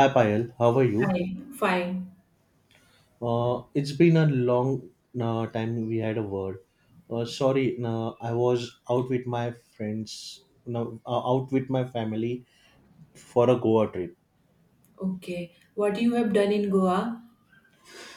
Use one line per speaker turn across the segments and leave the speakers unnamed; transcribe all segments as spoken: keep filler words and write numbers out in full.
Hi Payal, how are you?
Fine, fine.
Uh, it's been a long uh, time we had a word. Uh, sorry, uh, I was out with my friends, no, uh, out with my family for a Goa trip.
Okay. What you have done in Goa?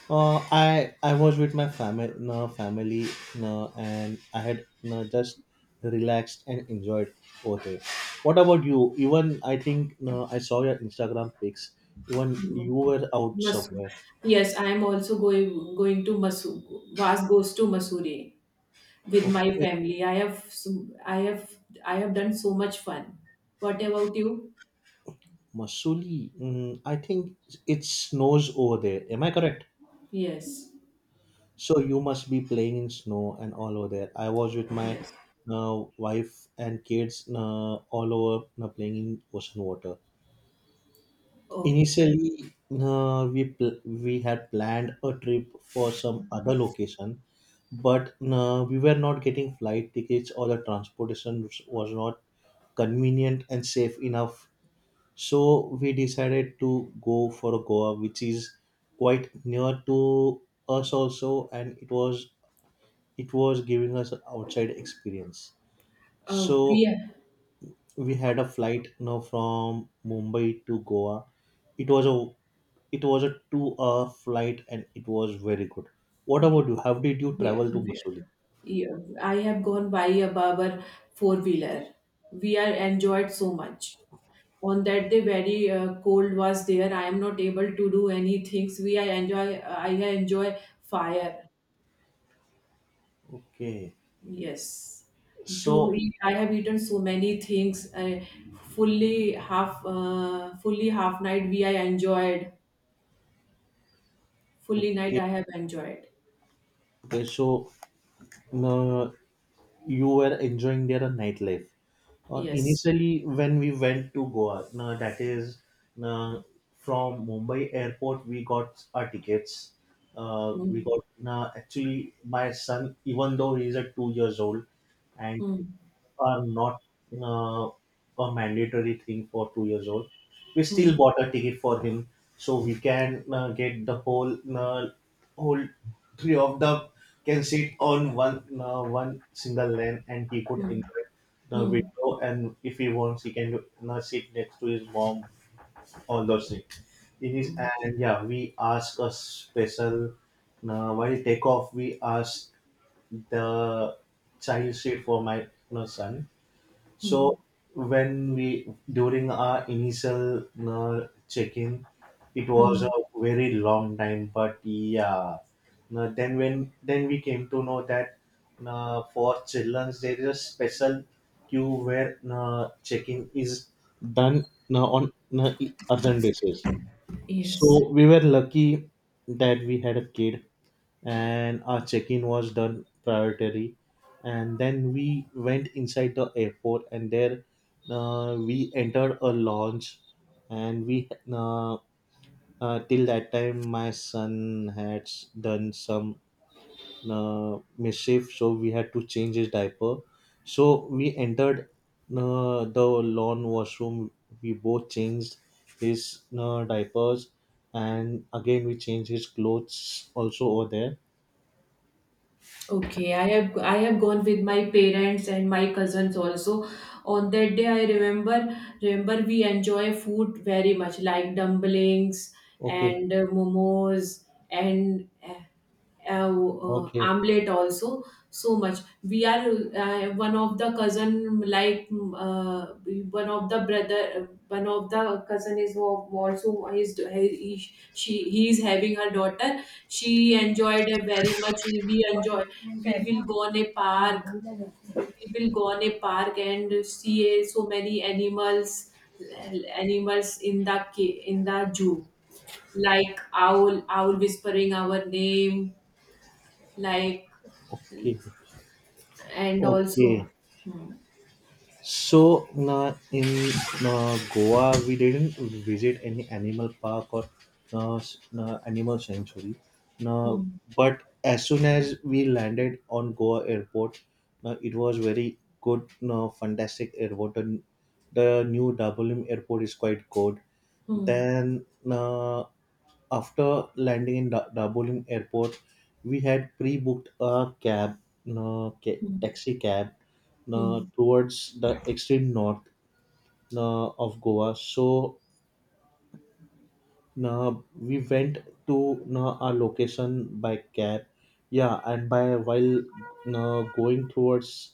Uh, I I was with my family, no, family, no, and I had no, just relaxed and enjoyed over there. What about you? Even I think no, I saw your Instagram pics. Even you were out
Masu.
somewhere.
Yes, I am also going going to Masu. Vas goes to Masuri with my
Okay.
family. I have so- I have I have done so much fun. What about you?
Masuli, mm, I think it snows over there. Am I correct?
Yes.
So you must be playing in snow and all over there. I was with my
Yes.
uh, wife and kids uh, all over uh, playing in ocean water.
Oh,
Initially, uh, we pl- we had planned a trip for some other location, but uh, we were not getting flight tickets or the transportation was not convenient and safe enough. So we decided to go for Goa, which is quite near to us also, and it was it was giving us an outside experience. So
oh, we are
we had a flight now from Mumbai to Goa. It was a it was a two hour flight and it was very good. What
okay.
about you? How did you
We are,
travel to
we
Masuli?
are- yeah, I have gone by a barber four wheeler. We are enjoyed so much. On that day very uh, cold was there. I am not able to do any things. We I enjoy I enjoy fire.
Okay.
Yes. To
So
eat I have eaten so many things. I fully half uh, Fully half night we I enjoyed. Fully night
okay,
I have enjoyed.
okay. So uh, you were enjoying their nightlife. Uh,
Yes.
initially, when we went to Goa, no, that is no, from Mumbai airport, we got our tickets. Uh,
Hmm.
we got no, actually my son, even though he is at two years old, and
Hmm.
are not uh, a mandatory thing for two years old. We
Hmm.
still bought a ticket for him, so we can uh, get the whole uh, whole three of them can sit on one uh, one single lane, and he could
Hmm.
enjoy the
Hmm.
window. And if he wants, he can uh, sit next to his mom. All those things. It is,
Hmm.
and yeah, we ask a special. Uh, while take off, we ask the child seat for my you know, son
Hmm.
so when we during our initial uh, check-in, it was a
Hmm.
very long time. But yeah, now, then when then we came to know that uh, for children there is a special queue where uh, check-in is done uh, on uh, urgent basis.
Yes.
So we were lucky that we had a kid and our check-in was done priority, and then we went inside the airport and there uh, we entered a lounge and we uh, uh, till that time my son had s- done some uh, mischief, so we had to change his diaper. So we entered uh, the lawn washroom, we both changed his uh, diapers and again we changed his clothes also over there.
Okay, I have I have gone with my parents and my cousins also. On that day, I remember remember we enjoy food very much, like dumplings
Okay.
and uh, momos and uh, uh,
Okay.
Amlet also so much. We are uh, one of the cousin like mm, uh, one of the brother one of the cousin is al- also is he, she he is having her daughter. She enjoyed it very much. We enjoy. We will go on a park. We will go on a park and see uh, so many animals animals in the ca- in the zoo, like owl owl whispering our name, like,
Okay.
and
Okay.
also. Hmm.
So na in uh, Goa, we didn't visit any animal park or uh, s- na animal sanctuary. Na,
Hmm.
but as soon as we landed on Goa airport, na it was very good, na fantastic airport. And the new Dabolim airport is quite good.
Hmm.
Then na after landing in da- Darjeeling airport, we had pre-booked a cab, no, ca-
Hmm.
taxi cab, no,
Hmm.
towards the extreme north, no, of Goa. So no, we went to no our location by cab. Yeah, and by while no going towards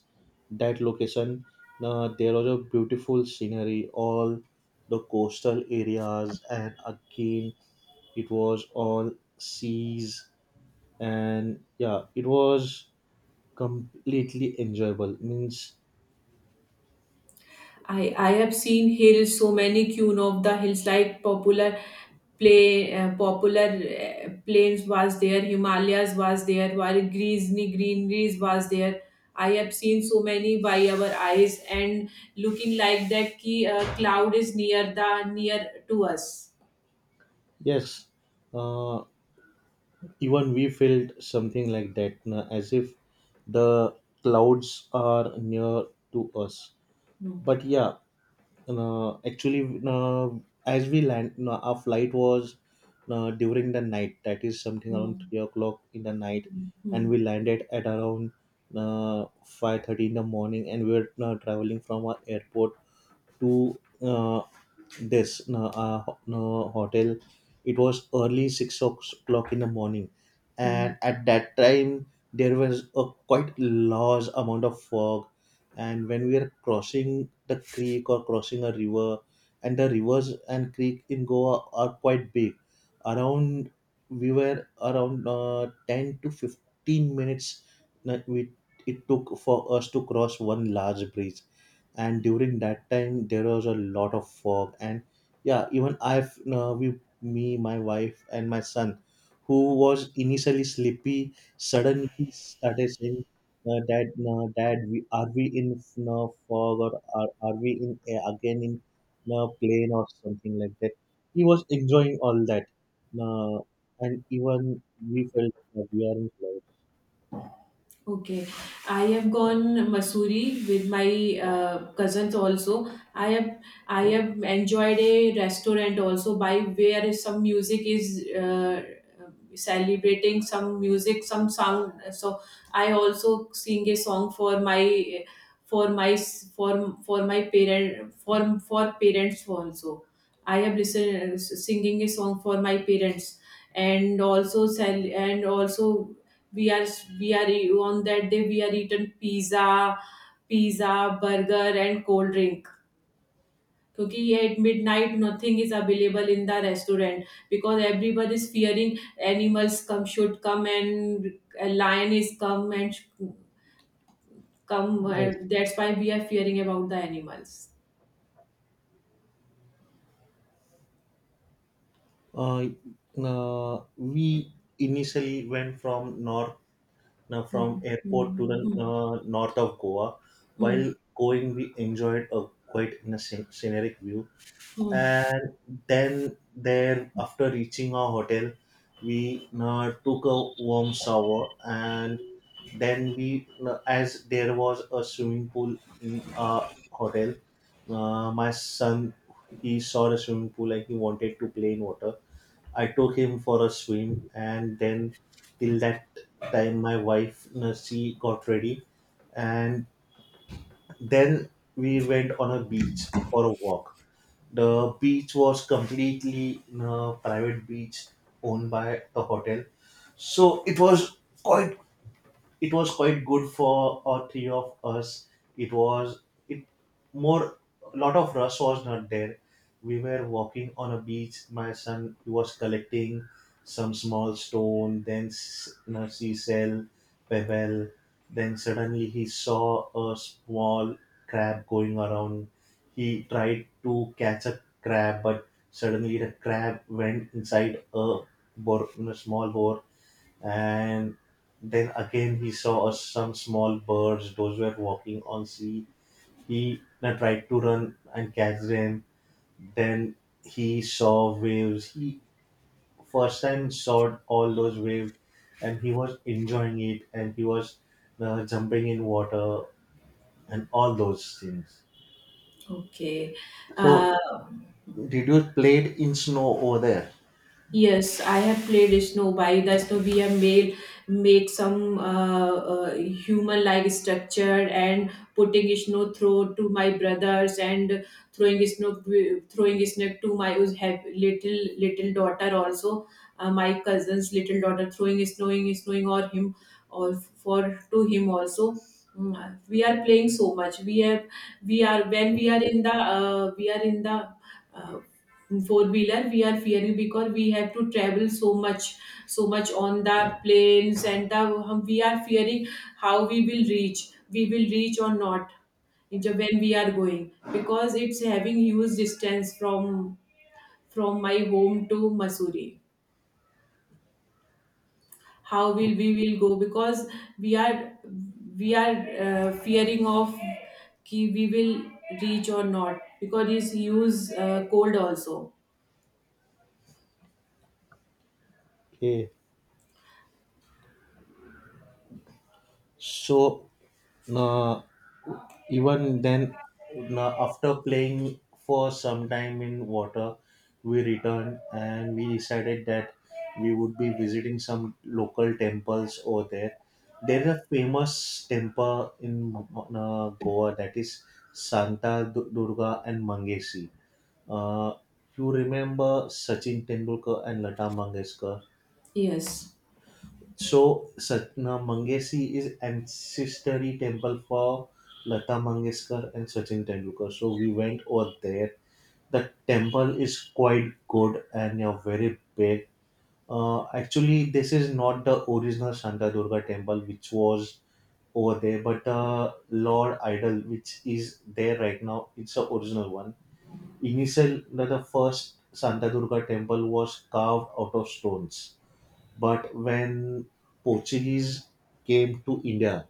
that location, no, there was a beautiful scenery, all the coastal areas, and again it was all seas, and yeah it was completely enjoyable means.
I I have seen hills, so many Queen of the Hills, like popular play uh, popular uh, plains was there, Himalayas was there, while greenery greeneries was there. I have seen so many by our eyes and looking like that ki uh, cloud is near the near to us.
Yes, uh, even we felt something like that na, as if the clouds are near to us.
Hmm.
But yeah, uh, actually uh, as we land uh, our flight was uh, during the night, that is something around
Hmm.
three o'clock in the night,
Hmm. Hmm.
and we landed at around uh, five thirty in the morning, and we were uh, traveling from our airport to uh, this uh, uh, ho- no, hotel. It was early six o'clock in the morning,
Hmm.
and at that time there was a quite large amount of fog, and when we are crossing the creek or crossing a river, and the rivers and creek in goa are quite big, around we were around uh, ten to fifteen minutes that we it took for us to cross one large bridge. And during that time there was a lot of fog, and yeah even I've uh, we me my wife and my son, who was initially sleepy, suddenly started saying, uh, dad uh, dad, we are we in uh, fog or are, are we in uh, again in uh, plane or something like that. He was enjoying all that, uh, and even we felt that we are in clouds.
Okay, I have gone Masuri with my uh, cousins also. I have I have enjoyed a restaurant also by where some music is uh, celebrating some music, some sound. So I also sing a song for my for my for for my parent for for parents also. I have listened singing a song for my parents and also sell and also we are we are e- on that day we are eaten pizza, pizza, burger and cold drink, क्योंकि at midnight nothing is available in the restaurant, because everybody is fearing animals come, should come, and a lion is come and sh- come,
Yes,
and that's why we are fearing about the animals.
uh, uh, we initially went from north, now from
Hmm.
airport to the
Hmm. Hmm.
uh, north of Goa.
Hmm.
While going, we enjoyed a quite in a scen- scenic view,
Hmm. Hmm.
and then there after reaching our hotel, we uh, took a warm shower, and then we uh, as there was a swimming pool in our hotel. Uh, my son, he saw the swimming pool and he wanted to play in water. I took him for a swim, and then till that time, my wife Nursi got ready, and then we went on a beach for a walk. The beach was completely a private beach owned by the hotel, so it was quite, it was quite good for uh, three of us. It was it more A lot of rush was not there. We were walking on a beach. My son, he was collecting some small stone, then s- you know, seashell, pebble. Then suddenly he saw a small crab going around. He tried to catch a crab, but suddenly the crab went inside a bor- you know, small bore. And then again he saw us some small birds those were walking on sea. He then tried to run and catch them. Then he saw waves. He first time saw all those waves, and he was enjoying it, and he was uh, jumping in water and all those things.
Okay.
So
uh,
did you played in snow over there?
Yes, I have played Snow by the Snow. We have made, make some uh, uh, human-like structure and putting Snow throw to my brothers and throwing Snow, throwing Snow to my who's have little little daughter also. Uh, my cousin's little daughter throwing snowing snowing or him or for to him also. Mm, we are playing so much. We have we are when we are
Okay.
in the uh, we are in the uh, four wheeler. We are fearing because we have to travel so much so much on the planes, and the hum- we are fearing how we will reach we will reach or not, in when we are going, because it's having huge distance from from my home to Missouri. How will we will go, because we are we are uh, fearing of ki we will reach or not, because it's huge uh, cold also.
Okay. So no, even then, no, after playing for some time in water, we returned and we decided that we would be visiting some local temples over there. There is a famous temple in uh, Goa, that is Santa Du- Durga and Mangesi. Uh, you remember Sachin Tendulkar and Lata Mangeshkar?
Yes.
So Satna Mangesi is ancestry temple for Lata Mangeshkar and Sachin Tendulkar. So we went over there. The temple is quite good and yeah, very big. Uh, actually, this is not the original Santa Durga temple which was over there, but uh, Lord Idol, which is there right now, it's the original one. Initially, the first Santa Durga temple was carved out of stones. But when Portuguese came to India,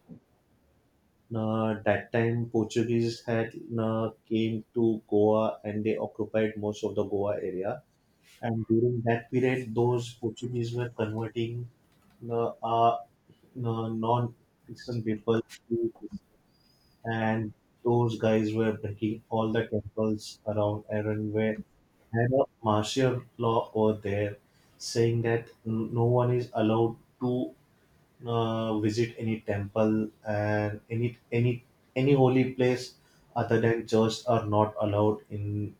uh, that time Portuguese had uh, came to Goa and they occupied most of the Goa area. And during that period, those Portuguese were converting uh, uh, non-Christian people to Christian. And those guys were breaking all the temples around and were had a martial law over there, saying that n- no one is allowed to uh, visit any temple, and any any any holy place other than church are not allowed in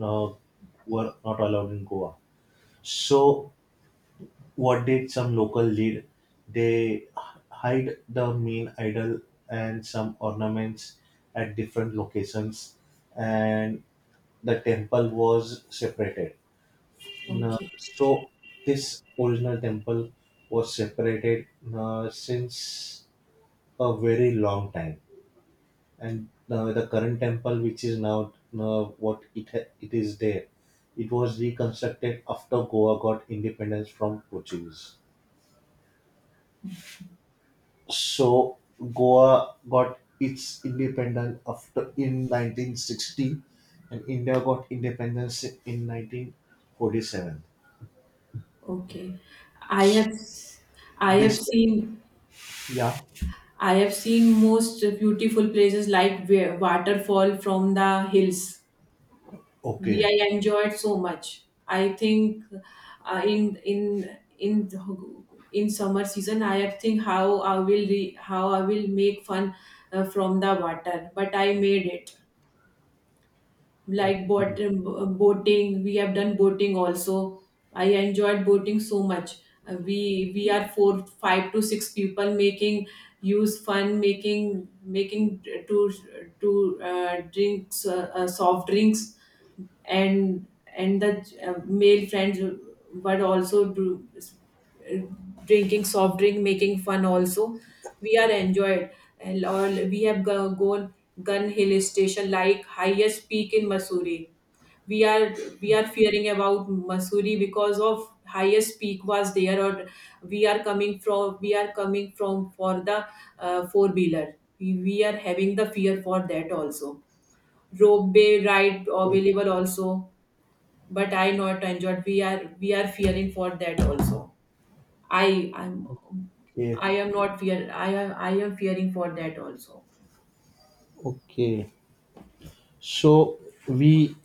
uh, were not allowed in Goa. So what did some local lead? They hide the main idol and some ornaments at different locations, and the temple was separated. Uh,
Okay.
so this original temple was separated uh, since a very long time, and uh, the current temple, which is now uh, what it ha- it is there, it was reconstructed after Goa got independence from Portuguese. So Goa got its independence after in nineteen sixty, and India got independence in nineteen forty-seven.
Okay. I have I have
This
seen,
yeah
I have seen most beautiful places like wa- waterfall from the hills. We
okay.
I enjoyed so much. I think uh, in in in in summer season I have think how I will re, how I will make fun uh, from the water, but I made it. Like boat,
Okay.
boating, we have done boating also. I enjoyed boating so much. Uh, we we are four five to six people making use fun, making making to to uh, drinks uh, uh, soft drinks and and the uh, male friends were also do, drinking soft drink, making fun also. We are enjoyed. And or we have go- gone Gun Hill Station, like highest peak in Missouri. We are we are fearing about Missouri because of highest peak was there, or we are coming from we are coming from, for the uh, four wheeler. We, we are having the fear for that also. Rope bay ride available also, but I not enjoyed. We are we are fearing for that also. I I'm
Okay,
I am not fear, I am I am fearing for that also.
okay. So we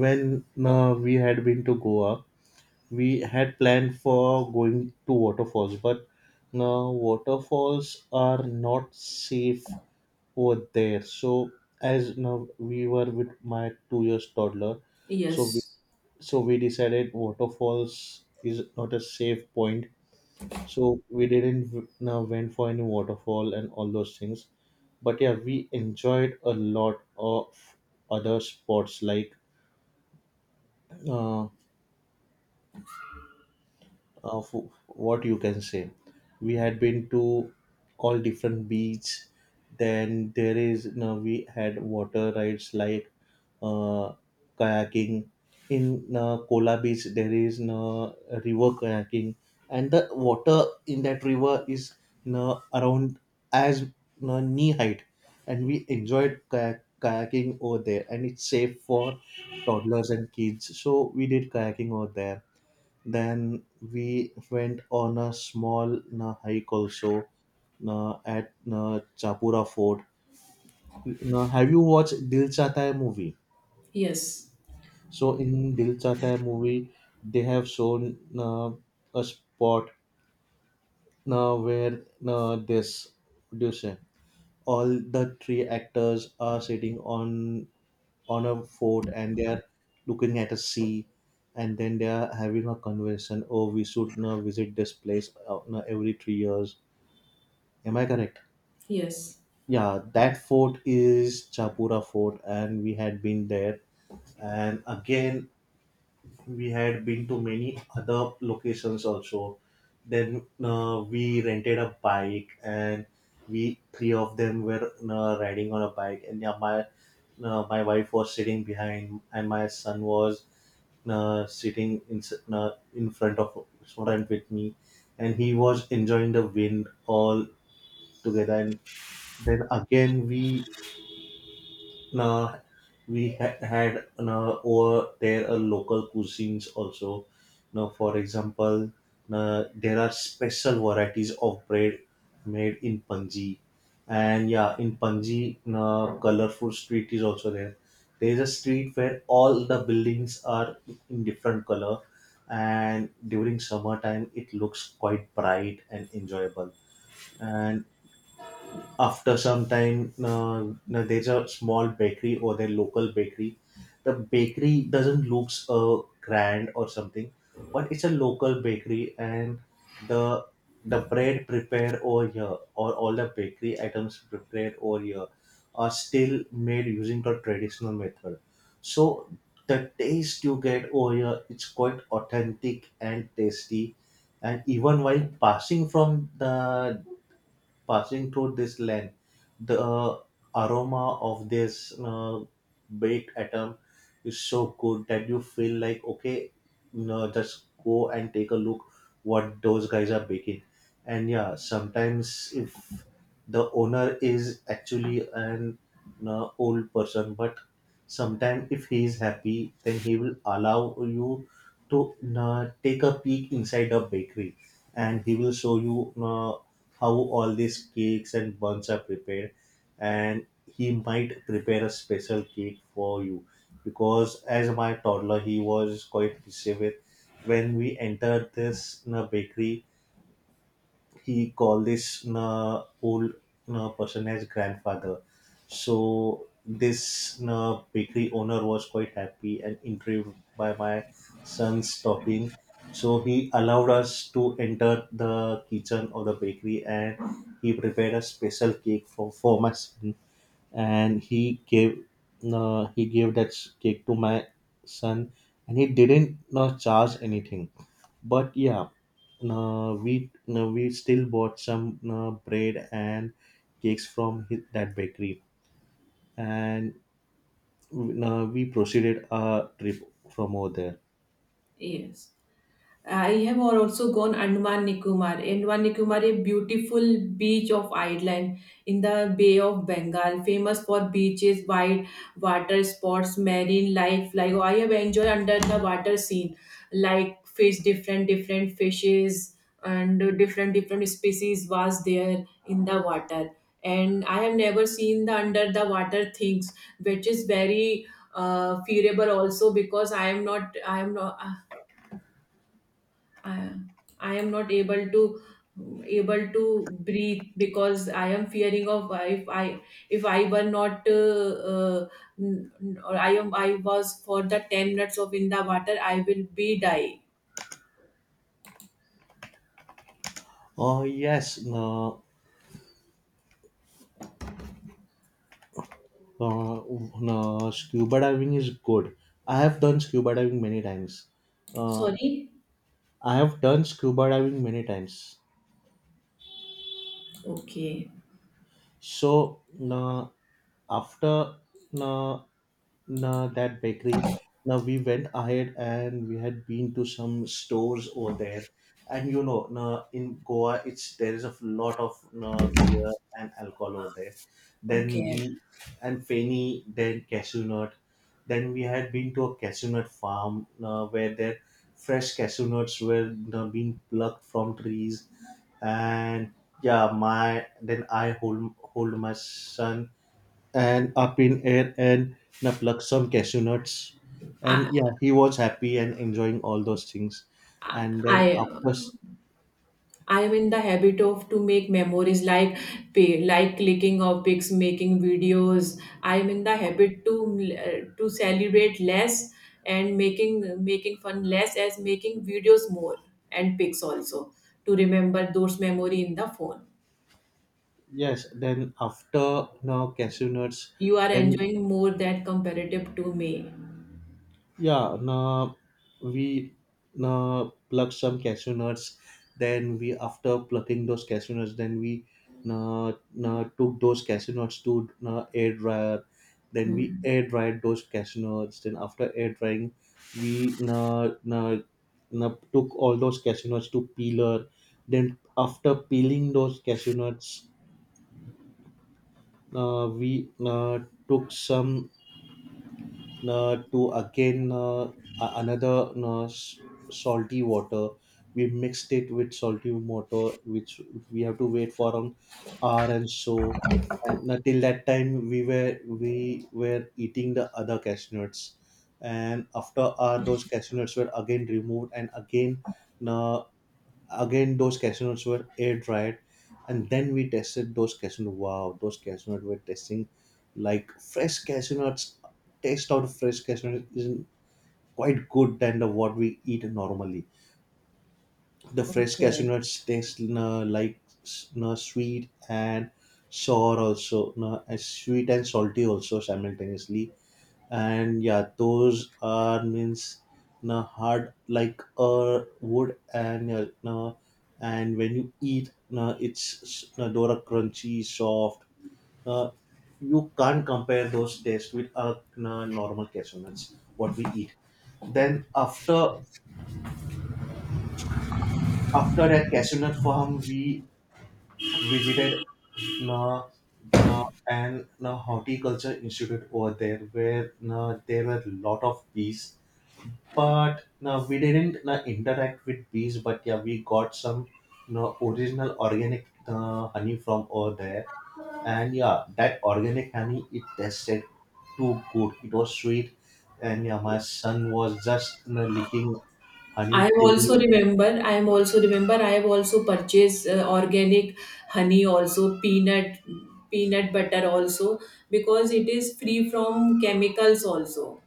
when uh, we had been to Goa, we had planned for going to waterfalls, but now waterfalls are not safe over there. So as now we were with my two years toddler, so we
Yes.
so we decided waterfalls is not a safe point, so we didn't w- now went for any waterfall and all those things. But yeah, we enjoyed a lot of other spots like uh, of what you can say. We had been to all different beach. Then there is no we had water rides like uh, kayaking. In uh, Kola Beach, there is no river kayaking, and the water in that river is no around as no knee height, and we enjoyed kayak- kayaking over there. And it's safe for toddlers and kids, so we did kayaking over there. Then we went on a small na, hike also na, at na, Chapura Fort. Now, have you watched Dil Chahta Hai movie?
Yes.
So in Dil Chahta Hai movie, they have shown uh, a spot uh, where uh, this what do you say? All the three actors are sitting on on a fort and they are looking at a sea, and then they are having a conversation. Oh, we should uh, visit this place uh, uh, every three years. Am I correct?
Yes.
Yeah, that fort is Chapura Fort, and we had been there. And again, we had been to many other locations also. Then uh, we rented a bike, and we three of them were uh, riding on a bike. And yeah, my uh, my wife was sitting behind, and my son was uh, sitting in uh, in front of front with me, and he was enjoying the wind all together. And then again we Nah, we ha- had nah, over there a local cuisines also. Now, for example, nah, there are special varieties of bread made in Panji, and yeah, in Panji, nah, colorful street is also there. There is a street where all the buildings are in different color, and during summertime, it looks quite bright and enjoyable. And after some time uh, now there's a small bakery or their local bakery. The bakery doesn't looks uh, grand or something, but it's a local bakery, and the the bread prepared over here or all the bakery items prepared over here are still made using the traditional method, so the taste you get over here, it's quite authentic and tasty. And even while passing from the passing through this land, the uh, aroma of this uh, baked atom is so good that you feel like, okay, no, just go and take a look what those guys are baking. And yeah, sometimes if the owner is actually an uh, old person, but sometimes if he is happy, then he will allow you to uh, take a peek inside a bakery, and he will show you uh, how all these cakes and buns are prepared, and he might prepare a special cake for you. Because as my toddler, he was quite busy with when we entered this you know, bakery, he called this uh, old uh, person as grandfather. So this uh, bakery owner was quite happy and intrigued by my son's talking. So he allowed us to enter the kitchen of the bakery, and he prepared a special cake for, for my son, and he gave uh, he gave that s- cake to my son, and he didn't uh, charge anything. But yeah, uh, we uh, we still bought some uh, bread and cakes from his, that bakery. And uh, we proceeded our trip from over there.
Yes. I have also gone Andaman Nicobar. Andaman Nicobar, a beautiful beach of island in the Bay of Bengal, famous for beaches, wide water sports, marine life. Like I have enjoyed under the water scene, like fish, different different fishes and different different species was there in the water. And I have never seen the under the water things, which is very uh, fearable also because I am not. I am not. uh, I, I am not able to, able to breathe, because I am fearing of if I, if I were not uh, uh, n- n- or I am I was for the ten minutes of in the water I will be die.
Oh yes, no, uh, uh, scuba diving is good. I have done scuba diving many times. uh,
Sorry.
I have done scuba diving many times.
Okay.
So, na after na Nah, that bakery. Now we went ahead and we had been to some stores over there, and you know, nah, in Goa, it's there is a lot of nah, beer and alcohol over there. Then
Okay.
we And Feni, then cashew nut. Then we had been to a cashew nut farm, nah, where their fresh cashew nuts were nah, being plucked from trees. And yeah, my then I hold hold my son and up in air and na plucked some cashew nuts,
I
and yeah, he was happy and enjoying all those things. And then
I,
after s-
I am in the habit of to make memories like pay, like clicking of pics, making videos. I am in the habit to uh, to celebrate less and making making fun less as making videos more, and pics also, to remember those memory in the phone.
Yes, then after now cashew nuts,
You are
then
enjoying more that comparative to me.
yeah, now we now pluck some cashew nuts. Then we after plucking those cashew nuts, then we now now took those cashew nuts to now air dryer. Then we
Hmm.
air dried those cashew nuts. Then after air drying, we now now now took all those cashew nuts to peeler. Then after peeling those cashew nuts, uh, we uh, took some. Uh, to again uh, a- another uh, s- salty water, we mixed it with salty water, which we have to wait for an hour and so. And until that time, we were we were eating the other cashew nuts. And after hour, those cashew nuts were again removed, and again uh, again, those cashew nuts were air dried, and then we tested those cashew nuts. Wow, those cashew nuts were tasting like fresh cashew nuts. Taste out of fresh cashew nuts isn't quite good than the what we eat normally. The fresh cashew
Okay.
nuts taste uh, like uh, sweet and sour also, uh, and sweet and salty also simultaneously. And yeah, those are means na hard like a wood, and yeah, na, and when you eat na, it's na, dora crunchy soft. uh, you can't compare those tastes with a na, normal cashew nuts what we eat. Then after after that cashew nut farm, we visited na, na, an na, horticulture institute over there, where na, there were a lot of bees. But now we didn't no, interact with bees, but yeah, we got some no, original organic uh, honey from over there. And yeah, that organic honey, it tasted too good, it was sweet. And yeah, my son was just you know, licking
I
honey till
also remember, I am also remember, I have also purchased uh, organic honey, also peanut, peanut butter also, because it is free from chemicals also.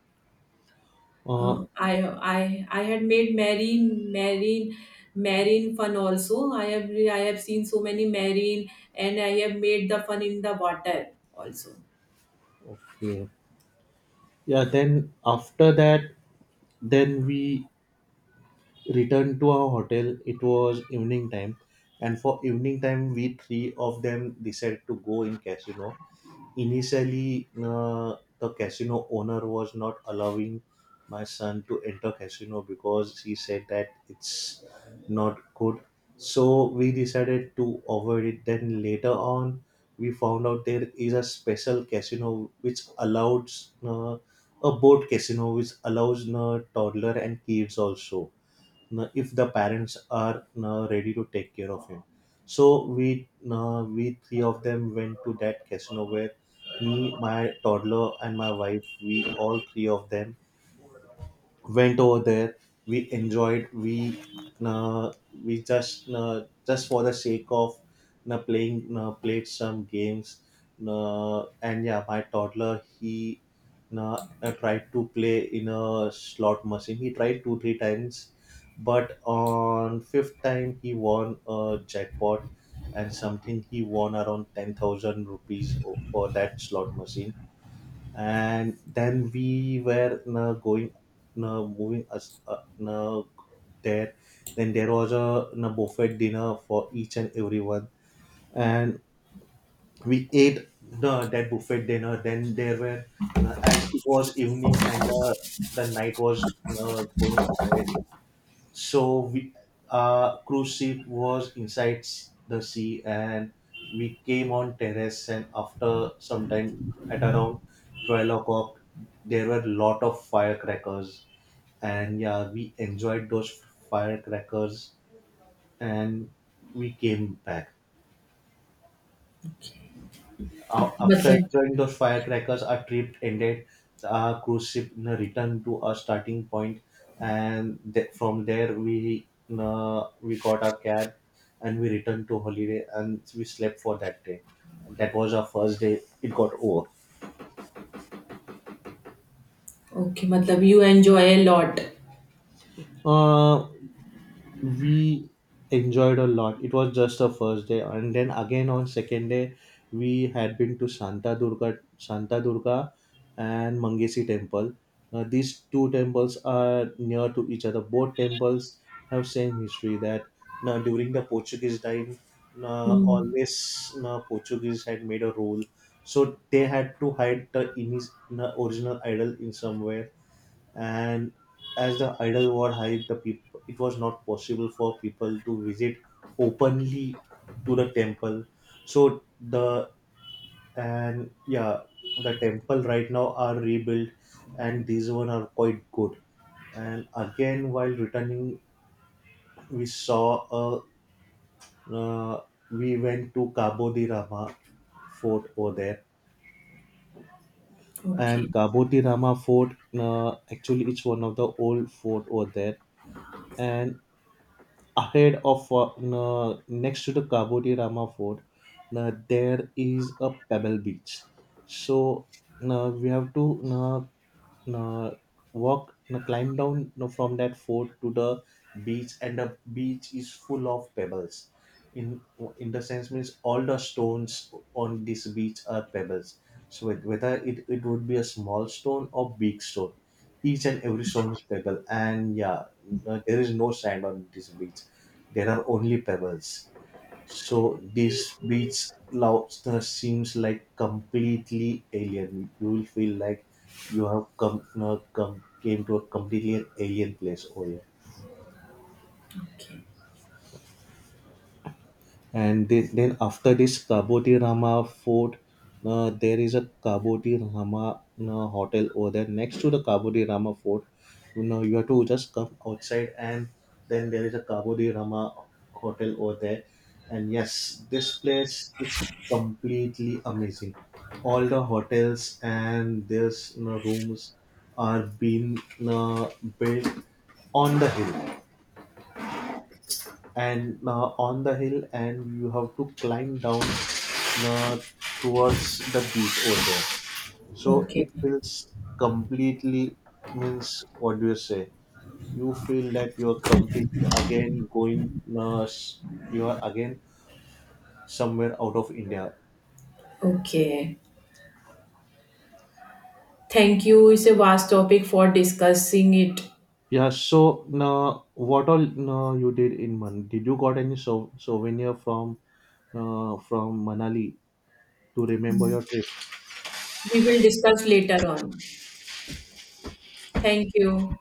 uh,
Uh, I I I had made marine marine marine fun also. I have I have seen so many marine, and I have made the fun in the water also.
okay. Yeah, then after that, then we returned to our hotel. It was evening time, and for evening time, we three of them decided to go in casino. Initially, uh, the casino owner was not allowing my son to enter casino because he said that it's not good. So we decided to avoid it. Then later on, we found out there is a special casino which allows uh, a boat casino which allows uh, toddler and kids also know, if the parents are know, ready to take care of him. So we know, we three of them went to that casino where me, my toddler, and my wife, we all three of them went over there. We enjoyed we uh, we just uh, just for the sake of uh, playing uh, played some games. Uh, and yeah, my toddler, he uh, uh, tried to play in a slot machine. He tried two three times, but on fifth time he won a jackpot, and something, he won around ten thousand rupees o- for that slot machine. And then we were uh, going uh, moving us uh, uh, there. Then there was a uh, buffet dinner for each and everyone, and we ate the that buffet dinner. Then there were uh, as it was evening and uh, the night was uh, going ahead. So we uh, cruise ship was inside s- the sea, and we came on terrace. And after some time, at around twelve o'clock, there were lot of firecrackers, and yeah, we enjoyed those firecrackers, and we came back. Uh, after
मतलब
enjoying those firecrackers, our trip ended. Our cruise ship you know, returned to our starting point, and th- from there we you know, we got our cab, and we returned to holiday, and we slept for that day. That was our first day. It got over.
okay, मतलब you enjoy a lot.
Uh, we enjoyed a lot. It was just the first day, and then again on second day, we had been to Santa Durga, Santa Durga and Mangesi Temple. Uh, these two temples are near to each other. Both temples have same history that now during the Portuguese time, uh,
Hmm.
always uh, Portuguese had made a rule, so they had to hide the inis- uh, original idol in somewhere. And as the idol war hype the people, it was not possible for people to visit openly to the temple. So the and yeah the temple right now are rebuilt, and these one are quite good. And again while returning, we saw a uh, we went to cabo de rama fort over there.
Okay,
And cabo de rama fort, uh, actually it's one of the old fort over there. And ahead of uh, uh, next to the Kabodi Rama Fort, uh, there is a pebble beach. So uh, we have to uh, uh, walk, uh, climb down uh, from that fort to the beach, and the beach is full of pebbles. In in the sense means all the stones on this beach are pebbles. So it- whether it, it would be a small stone or big stone, each and every stone is pebble. And yeah, uh, there is no sand on this beach, there are only pebbles. So this beach loudness seems like completely alien. You will feel like you have come, uh, come came to a completely alien place over here.
okay,
And the- then after this Kaboti Rama fort, uh, there is a Kaboti Rama uh, hotel over there next to the Kaboti Rama fort. You know, you have to just come outside, and then there is a Kabodi Rama hotel over there. And yes, this place is completely amazing. All the hotels and there's you know, rooms are being uh, built on the hill, and uh, on the hill, and you have to climb down uh, towards the beach over there. So
okay,
it feels completely means what do you say, you feel that you're completely again going uh, s- you are again somewhere out of india.
okay. Thank you. It's a vast topic for discussing it.
Yeah, so uh, what all uh, you did in man, did you got any so- souvenir from uh, from manali to remember your trip?
We will discuss later on. Thank you.